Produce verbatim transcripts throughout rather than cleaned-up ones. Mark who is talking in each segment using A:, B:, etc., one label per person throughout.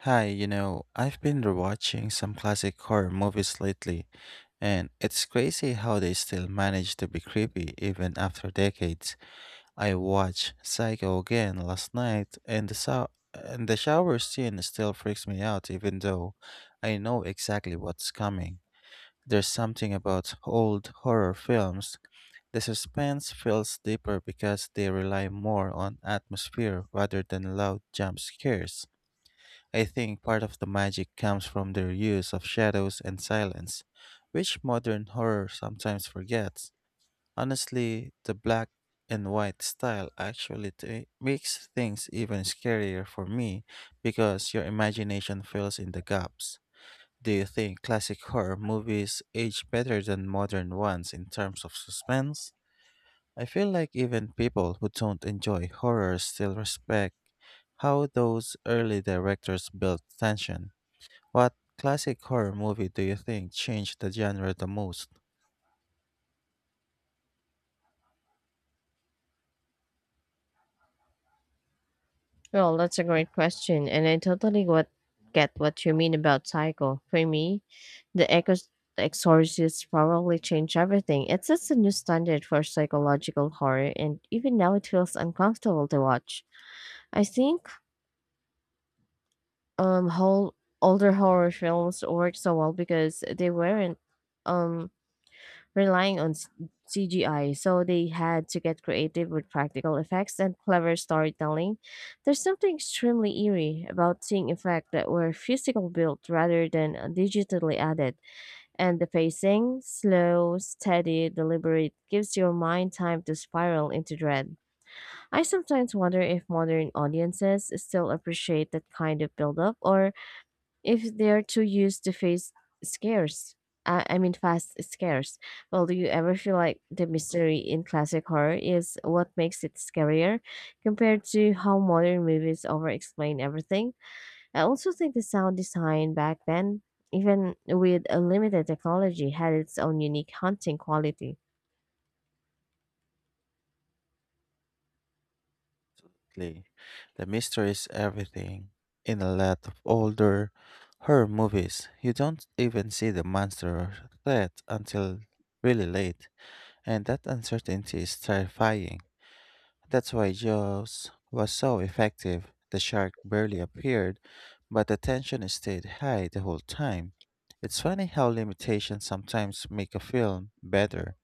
A: Hi, you know, I've been rewatching some classic horror movies lately, and it's crazy how they still manage to be creepy even after decades. I watched Psycho again last night, and the so- and the shower scene still freaks me out even though I know exactly what's coming. There's something about old horror films. The suspense feels deeper because they rely more on atmosphere rather than loud jump scares. I think part of the magic comes from their use of shadows and silence, which modern horror sometimes forgets. Honestly, the black and white style actually t- makes things even scarier for me because your imagination fills in the gaps. Do you think classic horror movies age better than modern ones in terms of suspense? I feel like even people who don't enjoy horror still respect how those early directors built tension. What classic horror movie do you think changed the genre the most?
B: Well, that's a great question, and I totally what get what you mean about Psycho. For me, the Echoes the Exorcist probably changed everything. It sets a new standard for psychological horror, and even now it feels uncomfortable to watch. I think um whole older horror films work so well because they weren't um relying on s- C G I, so they had to get creative with practical effects and clever storytelling. There's something extremely eerie about seeing effects that were physical built rather than uh, digitally added, and the pacing, slow, steady, deliberate, gives your mind time to spiral into dread. I sometimes wonder if modern audiences still appreciate that kind of buildup or if they're too used to face scares. I, I mean, fast scares. Well, do you ever feel like the mystery in classic horror is what makes it scarier compared to how modern movies over-explain everything? I also think the sound design back then, even with a limited technology, had its own unique haunting quality.
A: Lee? The mystery is everything. In a lot of older horror movies, you don't even see the monster or threat until really late, and that uncertainty is terrifying. That's why Jaws was so effective. The shark barely appeared, but the tension stayed high the whole time. It's funny how limitations sometimes make a film better,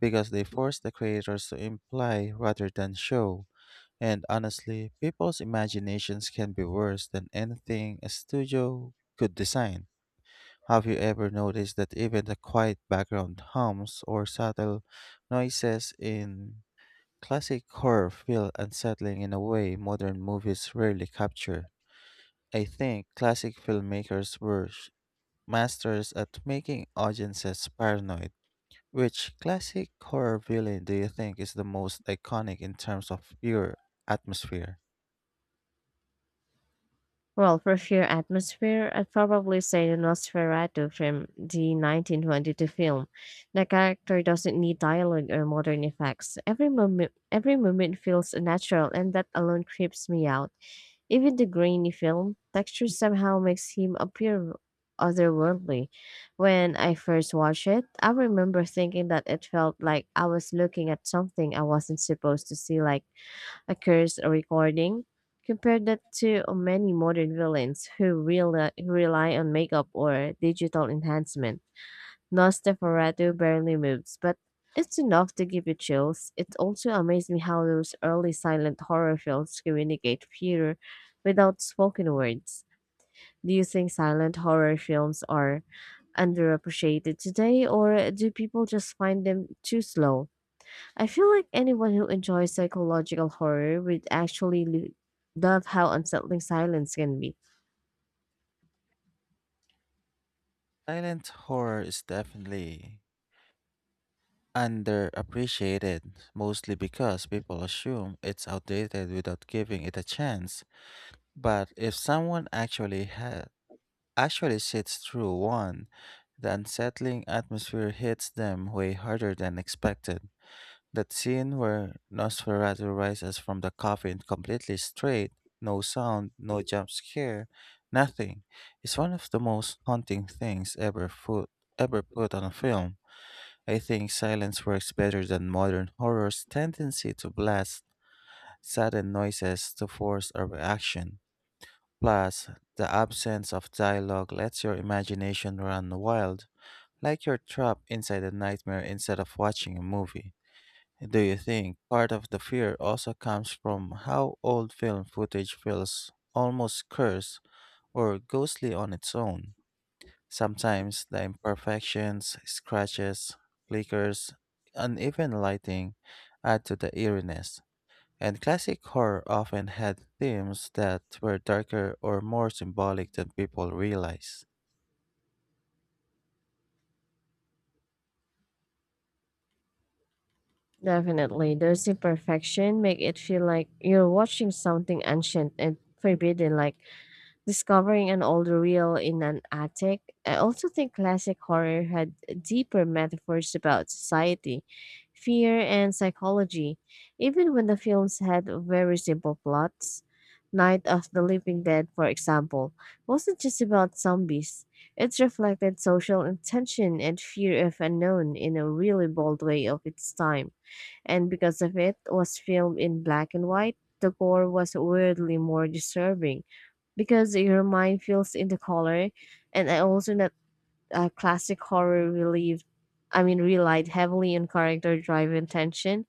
A: because they force the creators to imply rather than show. And honestly, people's imaginations can be worse than anything a studio could design. Have you ever noticed that even the quiet background hums or subtle noises in classic horror feel unsettling in a way modern movies rarely capture? I think classic filmmakers were sh- masters at making audiences paranoid. Which classic horror villain do you think is the most iconic in terms of pure atmosphere?
B: Well, for sheer atmosphere, I'd probably say the Nosferatu from the nineteen twenty-two film. The character doesn't need dialogue or modern effects. Every moment, every moment feels natural, and that alone creeps me out. Even the grainy film texture somehow makes him appear otherworldly. When I first watched it, I remember thinking that it felt like I was looking at something I wasn't supposed to see, like a curse, a recording. Compare that to many modern villains who, rely who rely on makeup or digital enhancement. Nosferatu barely moves, but it's enough to give you chills. It also amazed me how those early silent horror films communicate fear without spoken words. Do you think silent horror films are underappreciated today, or do people just find them too slow? I feel like anyone who enjoys psychological horror would actually lo- love how unsettling silence can be.
A: Silent horror is definitely underappreciated, mostly because people assume it's outdated without giving it a chance. But if someone actually ha- actually sits through one, the unsettling atmosphere hits them way harder than expected. That scene where Nosferatu rises from the coffin completely straight, no sound, no jump scare, nothing, is one of the most haunting things ever put, ever put on a film. I think silence works better than modern horror's tendency to blast sudden noises to force a reaction. Plus, the absence of dialogue lets your imagination run wild, like you're trapped inside a nightmare instead of watching a movie. Do you think part of the fear also comes from how old film footage feels almost cursed or ghostly on its own? Sometimes the imperfections, scratches, flickers, uneven lighting add to the eeriness. And classic horror often had themes that were darker or more symbolic than people realize.
B: Definitely, those imperfection make it feel like you're watching something ancient and forbidden, like discovering an old reel in an attic. I also think classic horror had deeper metaphors about society, fear, and psychology, even when the films had very simple plots. Night of the Living Dead, for example, wasn't just about zombies. It reflected social tension and fear of unknown in a really bold way of its time, and because of it was filmed in black and white, the gore was weirdly more disturbing because your mind feels in the color, and I also that uh, classic horror relieved I mean relied heavily on character driven tension.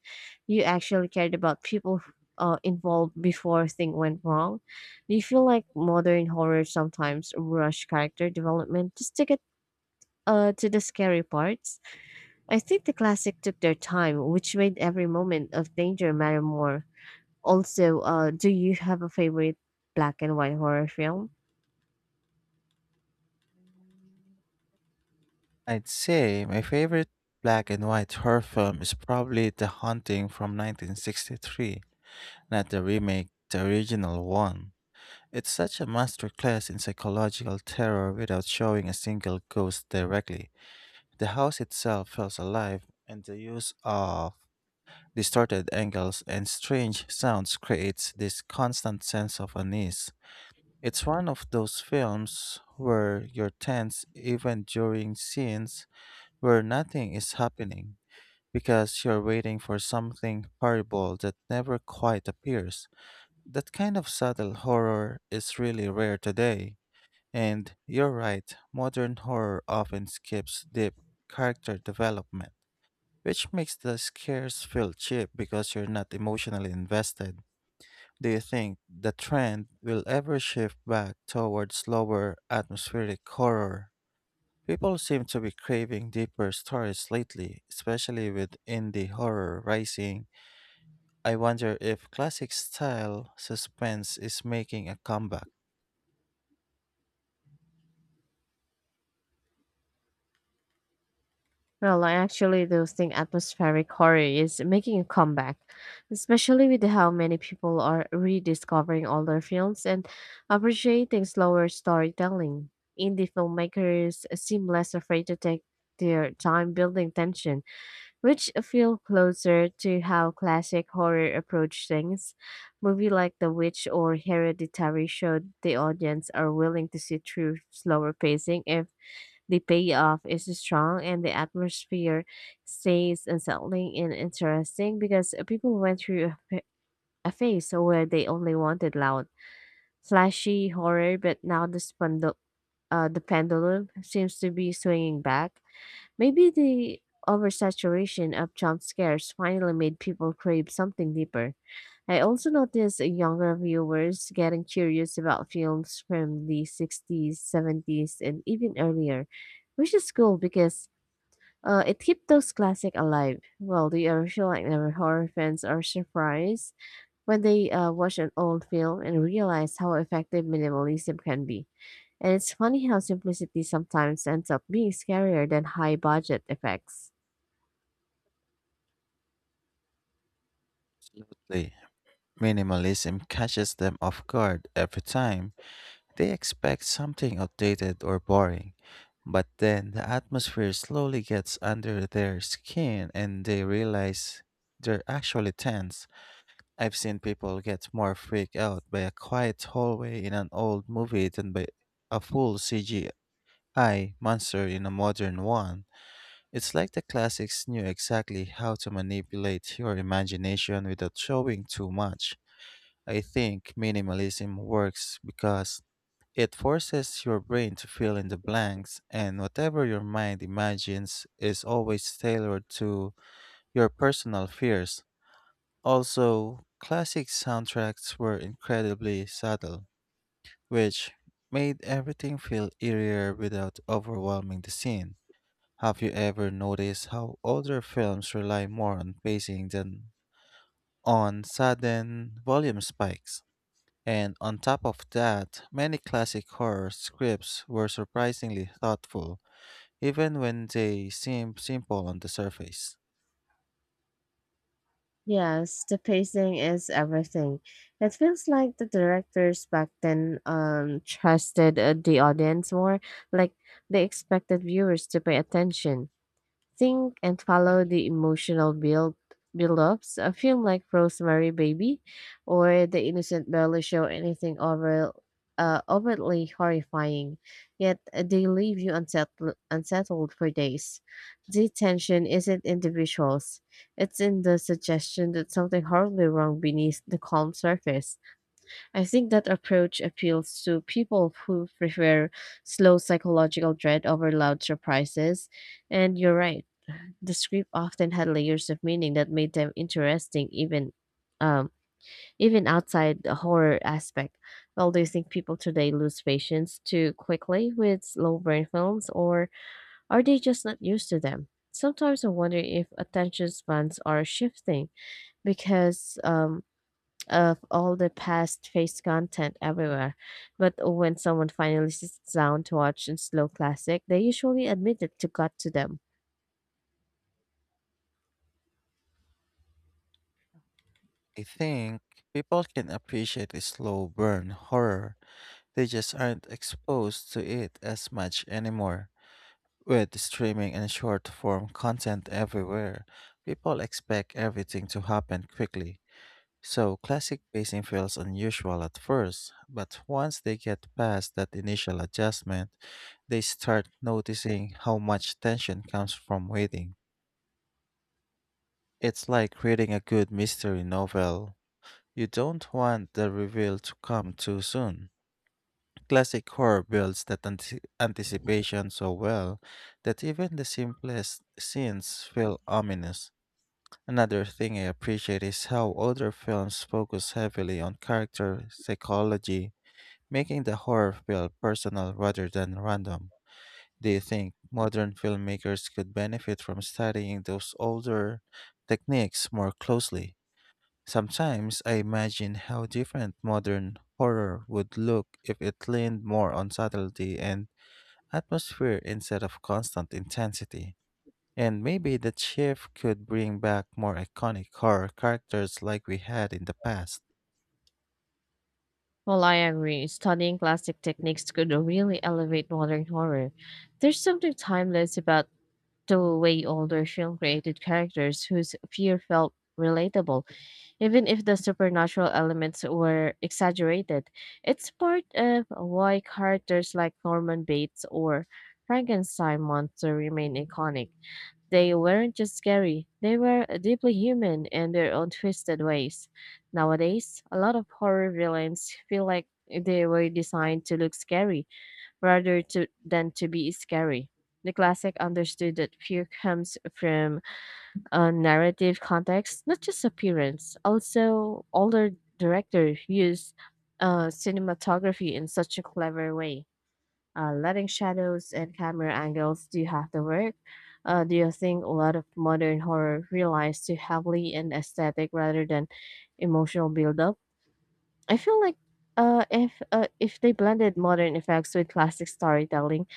B: You actually cared about people uh, involved before things went wrong. Do you feel like modern horror sometimes rush character development just to get uh, to the scary parts? I think the classic took their time, which made every moment of danger matter more. Also, uh, do you have a favorite black and white horror film?
A: I'd say my favorite black and white horror film is probably The Haunting from nineteen sixty-three. Not the remake, the original one. It's such a masterclass in psychological terror without showing a single ghost directly. The house itself feels alive, and the use of distorted angles and strange sounds creates this constant sense of unease. It's one of those films where you're tense even during scenes where nothing is happening because you're waiting for something horrible that never quite appears. That kind of subtle horror is really rare today. And you're right, modern horror often skips deep character development, which makes the scares feel cheap because you're not emotionally invested. Do you think the trend will ever shift back towards slower atmospheric horror? People seem to be craving deeper stories lately, especially with indie horror rising. I wonder if classic style suspense is making a comeback.
B: Well, I actually do think atmospheric horror is making a comeback, especially with how many people are rediscovering older films and appreciating slower storytelling. Indie filmmakers seem less afraid to take their time building tension, which feel closer to how classic horror approach things. Movie like The Witch or Hereditary showed the audience are willing to sit through slower pacing if the payoff is strong and the atmosphere stays unsettling and interesting because people went through a, fa- a phase where they only wanted loud, flashy horror, but now the, spandul- uh, the pendulum seems to be swinging back. Maybe the oversaturation of jump scares finally made people crave something deeper. I also noticed younger viewers getting curious about films from the sixties, seventies, and even earlier, which is cool because uh, it keeps those classics alive. Well, the original like never horror fans are surprised when they uh, watch an old film and realize how effective minimalism can be. And it's funny how simplicity sometimes ends up being scarier than high budget effects.
A: Absolutely. Minimalism catches them off guard every time. They expect something outdated or boring, but then the atmosphere slowly gets under their skin and they realize they're actually tense. I've seen people get more freaked out by a quiet hallway in an old movie than by a full C G I monster in a modern one. It's like the classics knew exactly how to manipulate your imagination without showing too much. I think minimalism works because it forces your brain to fill in the blanks, and whatever your mind imagines is always tailored to your personal fears. Also, classic soundtracks were incredibly subtle, which made everything feel eerier without overwhelming the scene. Have you ever noticed how older films rely more on pacing than on sudden volume spikes? And on top of that, many classic horror scripts were surprisingly thoughtful, even when they seem simple on the surface.
B: Yes, the pacing is everything. It feels like the directors back then um trusted uh, the audience more, like they expected viewers to pay attention, think and follow the emotional build build-ups. A film like Rosemary Baby or The Innocent barely show anything over uh, overtly horrifying, yet they leave you unsettled, unsettled for days. The tension isn't in the visuals; it's in the suggestion that something horribly wrong beneath the calm surface. I think that approach appeals to people who prefer slow psychological dread over loud surprises. And you're right, the script often had layers of meaning that made them interesting even um, even outside the horror aspect. Well, do you think people today lose patience too quickly with slow burn films, or are they just not used to them? Sometimes I wonder if attention spans are shifting because um, of all the past face content everywhere. But when someone finally sits down to watch a slow classic, they usually admit it to got to them.
A: I think people can appreciate a slow burn horror, they just aren't exposed to it as much anymore. With streaming and short form content everywhere, people expect everything to happen quickly. So, classic pacing feels unusual at first, but once they get past that initial adjustment, they start noticing how much tension comes from waiting. It's like reading a good mystery novel. You don't want the reveal to come too soon. Classic horror builds that anti- anticipation so well that even the simplest scenes feel ominous. Another thing I appreciate is how older films focus heavily on character psychology, making the horror feel personal rather than random. Do you think modern filmmakers could benefit from studying those older techniques more closely? Sometimes I imagine how different modern horror would look if it leaned more on subtlety and atmosphere instead of constant intensity. And maybe the shift could bring back more iconic horror characters like we had in the past.
B: Well, I agree. Studying classic techniques could really elevate modern horror. There's something timeless about the way older film created characters whose fear felt relatable, even if the supernatural elements were exaggerated. It's part of why characters like Norman Bates or Frankenstein monster remain iconic. They weren't just scary, they were deeply human in their own twisted ways. Nowadays, a lot of horror villains feel like they were designed to look scary rather to, than to be scary. The classic understood that fear comes from a narrative context, not just appearance. Also, older directors use uh, cinematography in such a clever way, uh, letting shadows and camera angles do half the work. Uh, do you think a lot of modern horror relies too heavily on aesthetic rather than emotional build-up? I feel like uh, if uh, if they blended modern effects with classic storytelling,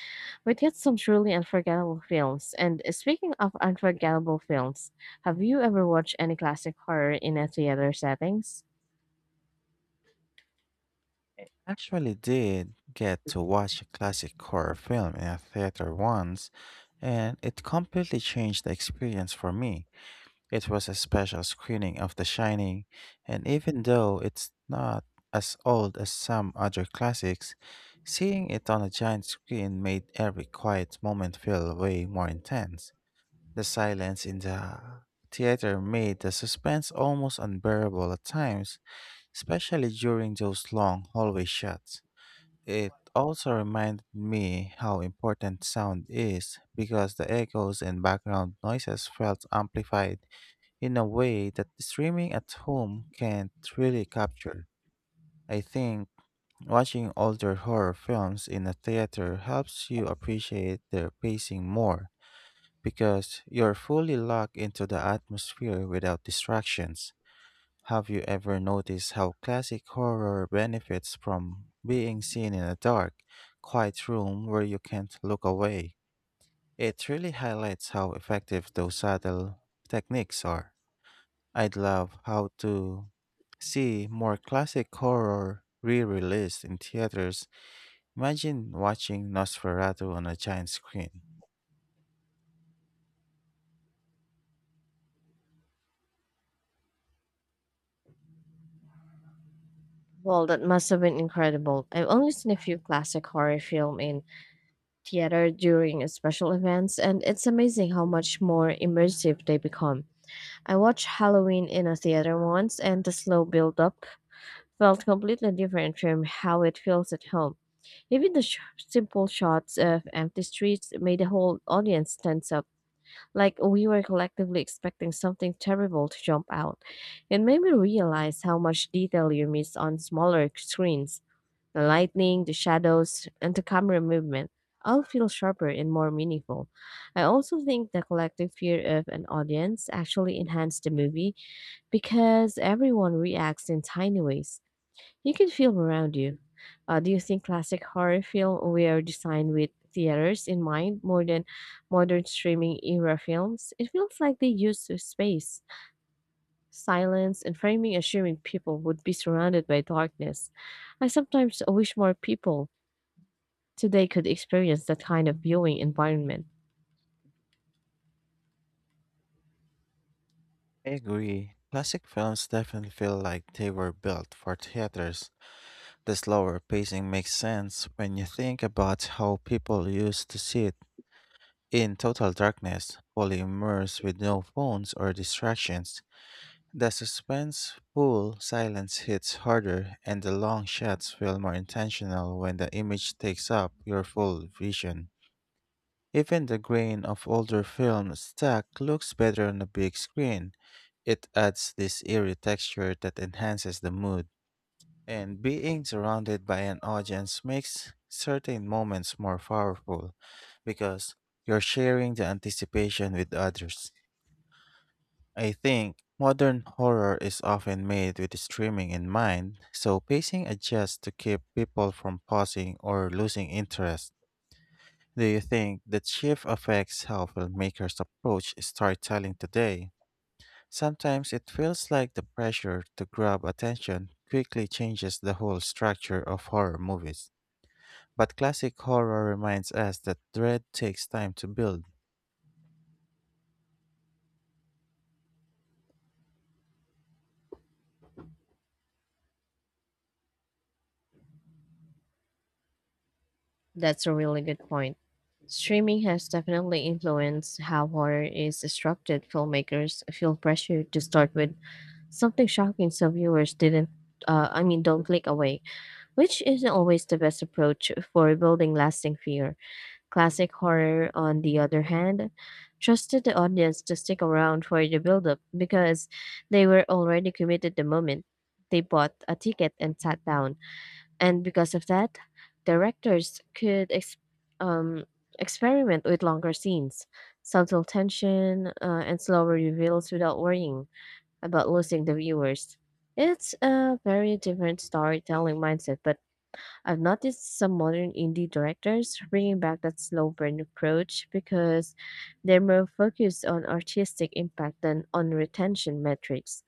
B: we'd get some truly unforgettable films. And speaking of unforgettable films, have you ever watched any classic horror in a theater settings?
A: Actually did get to watch a classic horror film in a theater once, and it completely changed the experience for me. It was a special screening of The Shining, and even though it's not as old as some other classics, seeing it on a giant screen made every quiet moment feel way more intense. The silence in the theater made the suspense almost unbearable at times, especially during those long hallway shots. It also reminded me how important sound is because the echoes and background noises felt amplified in a way that streaming at home can't really capture. I think watching older horror films in a theater helps you appreciate their pacing more because you're fully locked into the atmosphere without distractions. Have you ever noticed how classic horror benefits from being seen in a dark, quiet room where you can't look away? It really highlights how effective those subtle techniques are. I'd love how to see more classic horror re-released in theaters. Imagine watching Nosferatu on a giant screen.
B: Well, that must have been incredible. I've only seen a few classic horror film in theater during special events, and it's amazing how much more immersive they become. I watched Halloween in a theater once, and the slow build up felt completely different from how it feels at home. Even the sh- simple shots of empty streets made the whole audience tense up, like we were collectively expecting something terrible to jump out. It made me realize how much detail you miss on smaller screens. The lighting, the shadows, and the camera movement all feel sharper and more meaningful. I also think the collective fear of an audience actually enhanced the movie because everyone reacts in tiny ways. You can feel around you. Uh, do you think classic horror films were designed with theaters in mind more than modern streaming era films? It feels like they used the space, silence, and framing assuming people would be surrounded by darkness. I sometimes wish more people so they could experience that kind of viewing environment.
A: I agree. Classic films definitely feel like they were built for theaters. The slower pacing makes sense when you think about how people used to sit in total darkness, fully immersed with no phones or distractions. The suspenseful silence hits harder, and the long shots feel more intentional when the image takes up your full vision. Even the grain of older film stock looks better on a big screen. It adds this eerie texture that enhances the mood. And being surrounded by an audience makes certain moments more powerful because you're sharing the anticipation with others. I think modern horror is often made with streaming in mind, so pacing adjusts to keep people from pausing or losing interest. Do you think that shift affects how filmmakers approach storytelling today? Sometimes it feels like the pressure to grab attention quickly changes the whole structure of horror movies. But classic horror reminds us that dread takes time to build.
B: That's a really good point. Streaming has definitely influenced how horror is disrupted. Filmmakers feel pressured to start with something shocking so viewers didn't, uh, I mean, don't click away, which isn't always the best approach for building lasting fear. Classic horror, on the other hand, trusted the audience to stick around for the build up because they were already committed the moment. They bought a ticket and sat down. And because of that, directors could ex- um, experiment with longer scenes, subtle tension, uh, and slower reveals without worrying about losing the viewers. It's a very different storytelling mindset, but I've noticed some modern indie directors bringing back that slow burn approach because they're more focused on artistic impact than on retention metrics.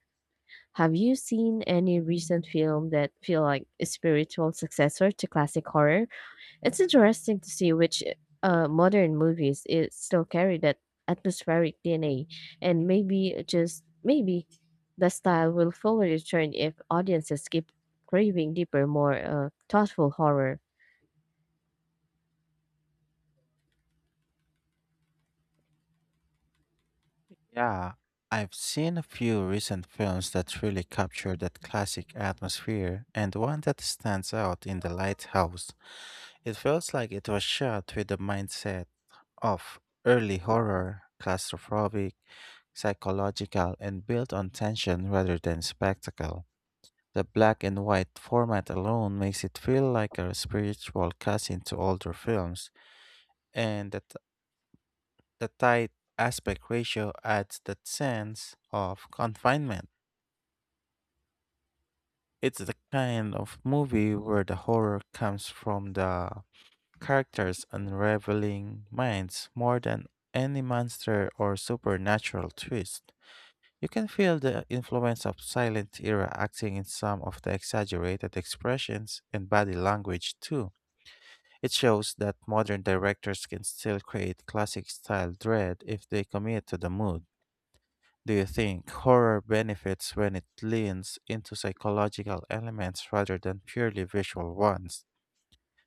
B: Have you seen any recent film that feel like a spiritual successor to classic horror? It's interesting to see which uh, modern movies it still carry that atmospheric D N A, and maybe just maybe the style will fully return if audiences keep craving deeper, more uh, thoughtful horror.
A: Yeah, I've seen a few recent films that really capture that classic atmosphere, and one that stands out in The Lighthouse. It feels like it was shot with the mindset of early horror, claustrophobic, psychological, and built on tension rather than spectacle. The black and white format alone makes it feel like a spiritual cousin to older films, and the The tight aspect ratio adds that sense of confinement. It's the kind of movie where the horror comes from the characters' unraveling minds more than any monster or supernatural twist. You can feel the influence of silent era acting in some of the exaggerated expressions and body language too. It shows that modern directors can still create classic style dread if they commit to the mood. Do you think horror benefits when it leans into psychological elements rather than purely visual ones?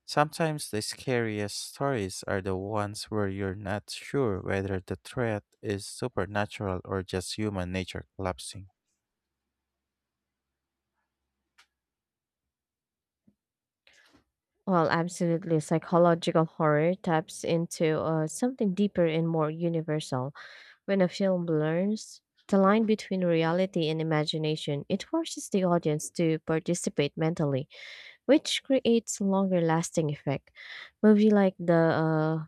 A: Sometimes the scariest stories are the ones where you're not sure whether the threat is supernatural or just human nature collapsing.
B: Well, absolutely, psychological horror taps into uh, something deeper and more universal. When a film blurs the line between reality and imagination, it forces the audience to participate mentally, which creates longer lasting effect. Movie like the uh,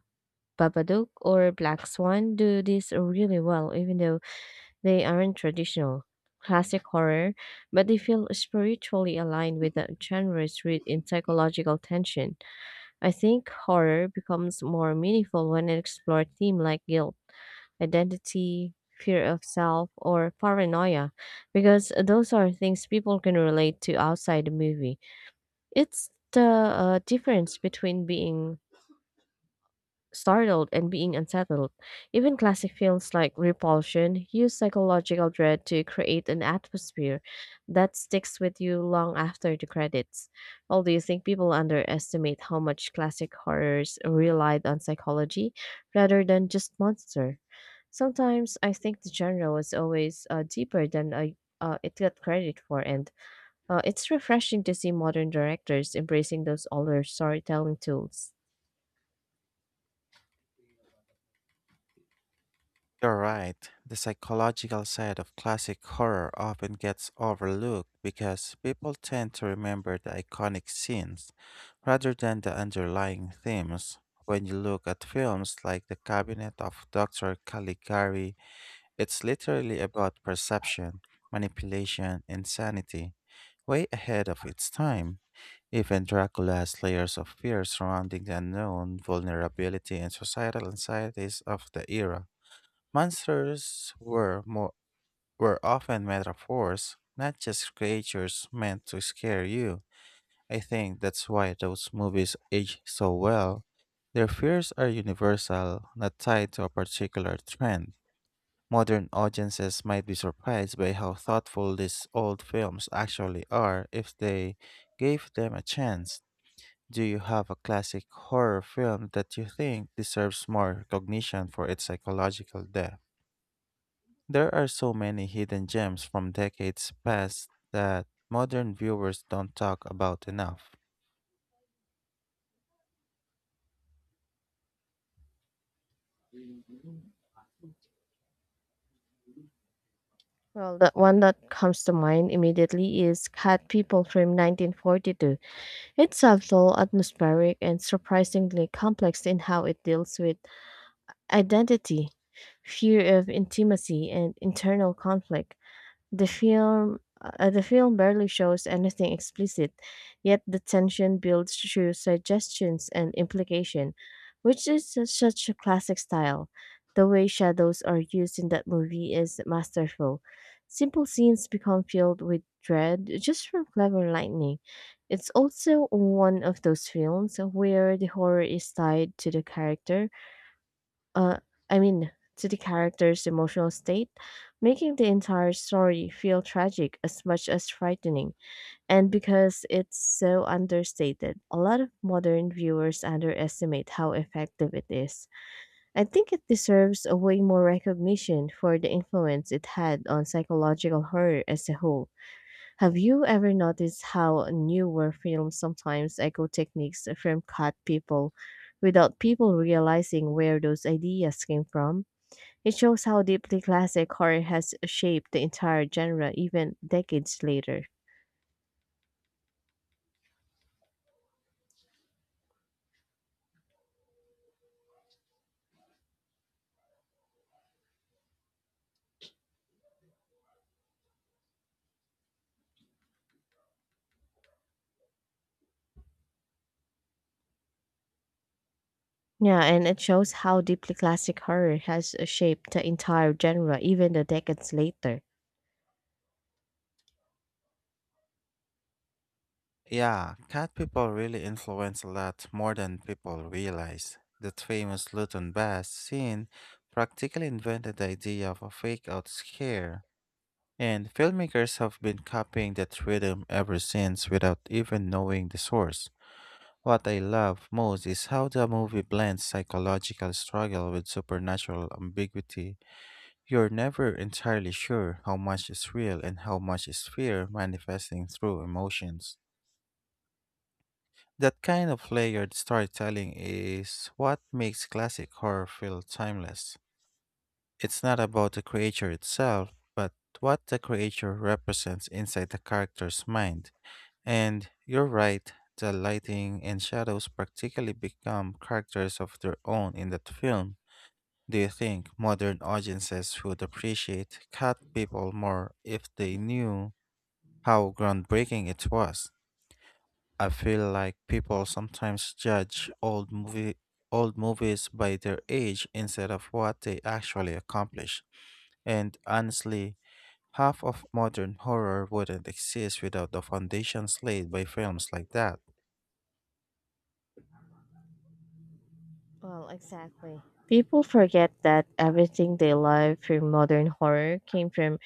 B: Babadook or Black Swan do this really well, even though they aren't traditional classic horror, but they feel spiritually aligned with the genre's root in psychological tension. I think horror becomes more meaningful when it explores themes like guilt, identity, fear of self, or paranoia, because those are things people can relate to outside the movie. It's the uh, difference between being startled and being unsettled. Even classic films like Repulsion use psychological dread to create an atmosphere that sticks with you long after the credits. Although you think people underestimate how much classic horrors relied on psychology rather than just monster. Sometimes I think the genre was always uh, deeper than I, uh, it got credit for, and uh, it's refreshing to see modern directors embracing those older storytelling tools.
A: You're right. The psychological side of classic horror often gets overlooked because people tend to remember the iconic scenes rather than the underlying themes. When you look at films like The Cabinet of doctor Caligari, it's literally about perception, manipulation, insanity, way ahead of its time. Even Dracula has layers of fear surrounding the unknown, vulnerability, and societal anxieties of the era. Monsters were more were often metaphors, not just creatures meant to scare you. I think that's why those movies age so well. Their fears are universal, not tied to a particular trend. Modern audiences might be surprised by how thoughtful these old films actually are if they gave them a chance. Do you have a classic horror film that you think deserves more recognition for its psychological depth? There are so many hidden gems from decades past that modern viewers don't talk about enough.
B: Well, the one that comes to mind immediately is Cat People from nineteen forty-two. It's subtle, atmospheric, and surprisingly complex in how it deals with identity, fear of intimacy, and internal conflict. The film uh, the film barely shows anything explicit, yet the tension builds through suggestions and implication, which is su- such a classic style. The way shadows are used in that movie is masterful. Simple scenes become filled with dread just from clever lightning. It's also one of those films where the horror is tied to the character uh, I mean, to the character's emotional state, making the entire story feel tragic as much as frightening. And because it's so understated, a lot of modern viewers underestimate how effective it is. I think it deserves a way more recognition for the influence it had on psychological horror as a whole. Have you ever noticed how newer films sometimes echo techniques from cut people without people realizing where those ideas came from? It shows how deeply classic horror has shaped the entire genre even decades later. Yeah, and it shows how deeply classic horror has shaped the entire genre even the decades later.
A: Yeah, Cat People really influence a lot more than people realize. That famous Luton Bass scene practically invented the idea of a fake out scare, and filmmakers have been copying that rhythm ever since without even knowing the source. What I love most is how the movie blends psychological struggle with supernatural ambiguity. You're never entirely sure how much is real and how much is fear manifesting through emotions. That kind of layered storytelling is what makes classic horror feel timeless. It's not about the creature itself, but what the creature represents inside the character's mind. And you're right, the lighting and shadows practically become characters of their own in that film. Do you think modern audiences would appreciate Cat People more if they knew how groundbreaking it was? I feel like people sometimes judge old movie old movies by their age instead of what they actually accomplish. And honestly, half of modern horror wouldn't exist without the foundations laid by films like that.
B: Well, exactly. People forget that everything they love from modern horror came from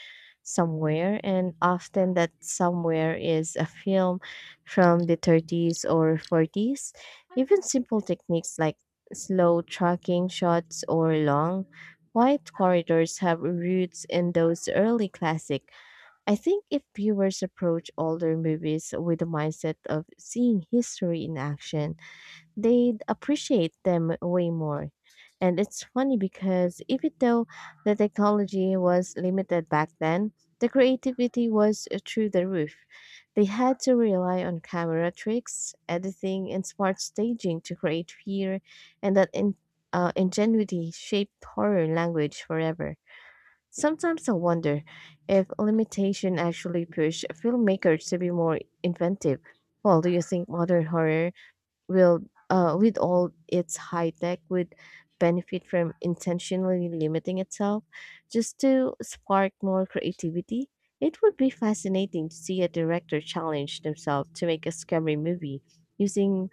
B: somewhere, and often that somewhere is a film from the thirties or forties. Even simple techniques like slow tracking shots or long, quiet corridors have roots in those early classics. I think if viewers approach older movies with the mindset of seeing history in action, they'd appreciate them way more. And it's funny because even though the technology was limited back then, the creativity was uh, through the roof. They had to rely on camera tricks, editing, and smart staging to create fear, and that in, uh, ingenuity shaped horror language forever. Sometimes I wonder if limitation actually pushed filmmakers to be more inventive. Well, do you think modern horror will uh, with all its high tech would benefit from intentionally limiting itself just to spark more creativity. It would be fascinating to see a director challenge themselves to make a scary movie using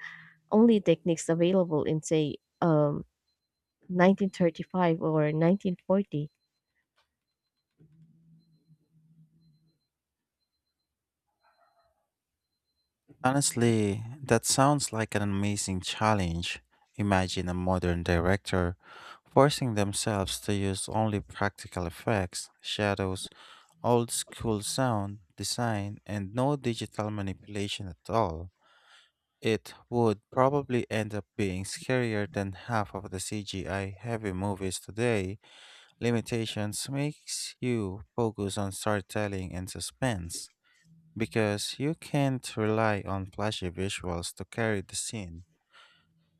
B: only techniques available in say um, nineteen thirty-five or nineteen forty.
A: Honestly, that sounds like an amazing challenge. Imagine a modern director forcing themselves to use only practical effects, shadows, old school sound design, and no digital manipulation at all. It would probably end up being scarier than half of the C G I heavy movies today. Limitations makes you focus on storytelling and suspense because you can't rely on flashy visuals to carry the scene.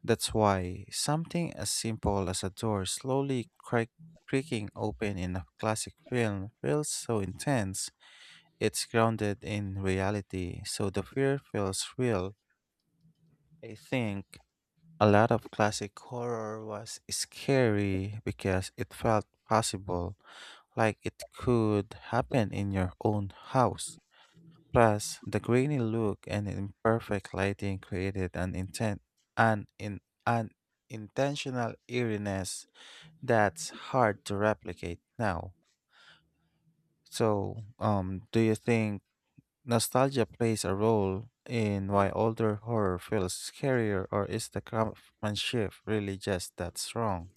A: That's why something as simple as a door slowly crack- creaking open in a classic film feels so intense. It's grounded in reality, so the fear feels real. I think a lot of classic horror was scary because it felt possible, like it could happen in your own house. Plus, the grainy look and imperfect lighting created an intent an in an intentional eeriness that's hard to replicate now. So, um, do you think nostalgia plays a role in why older horror feels scarier, or is the craftsmanship really just that strong?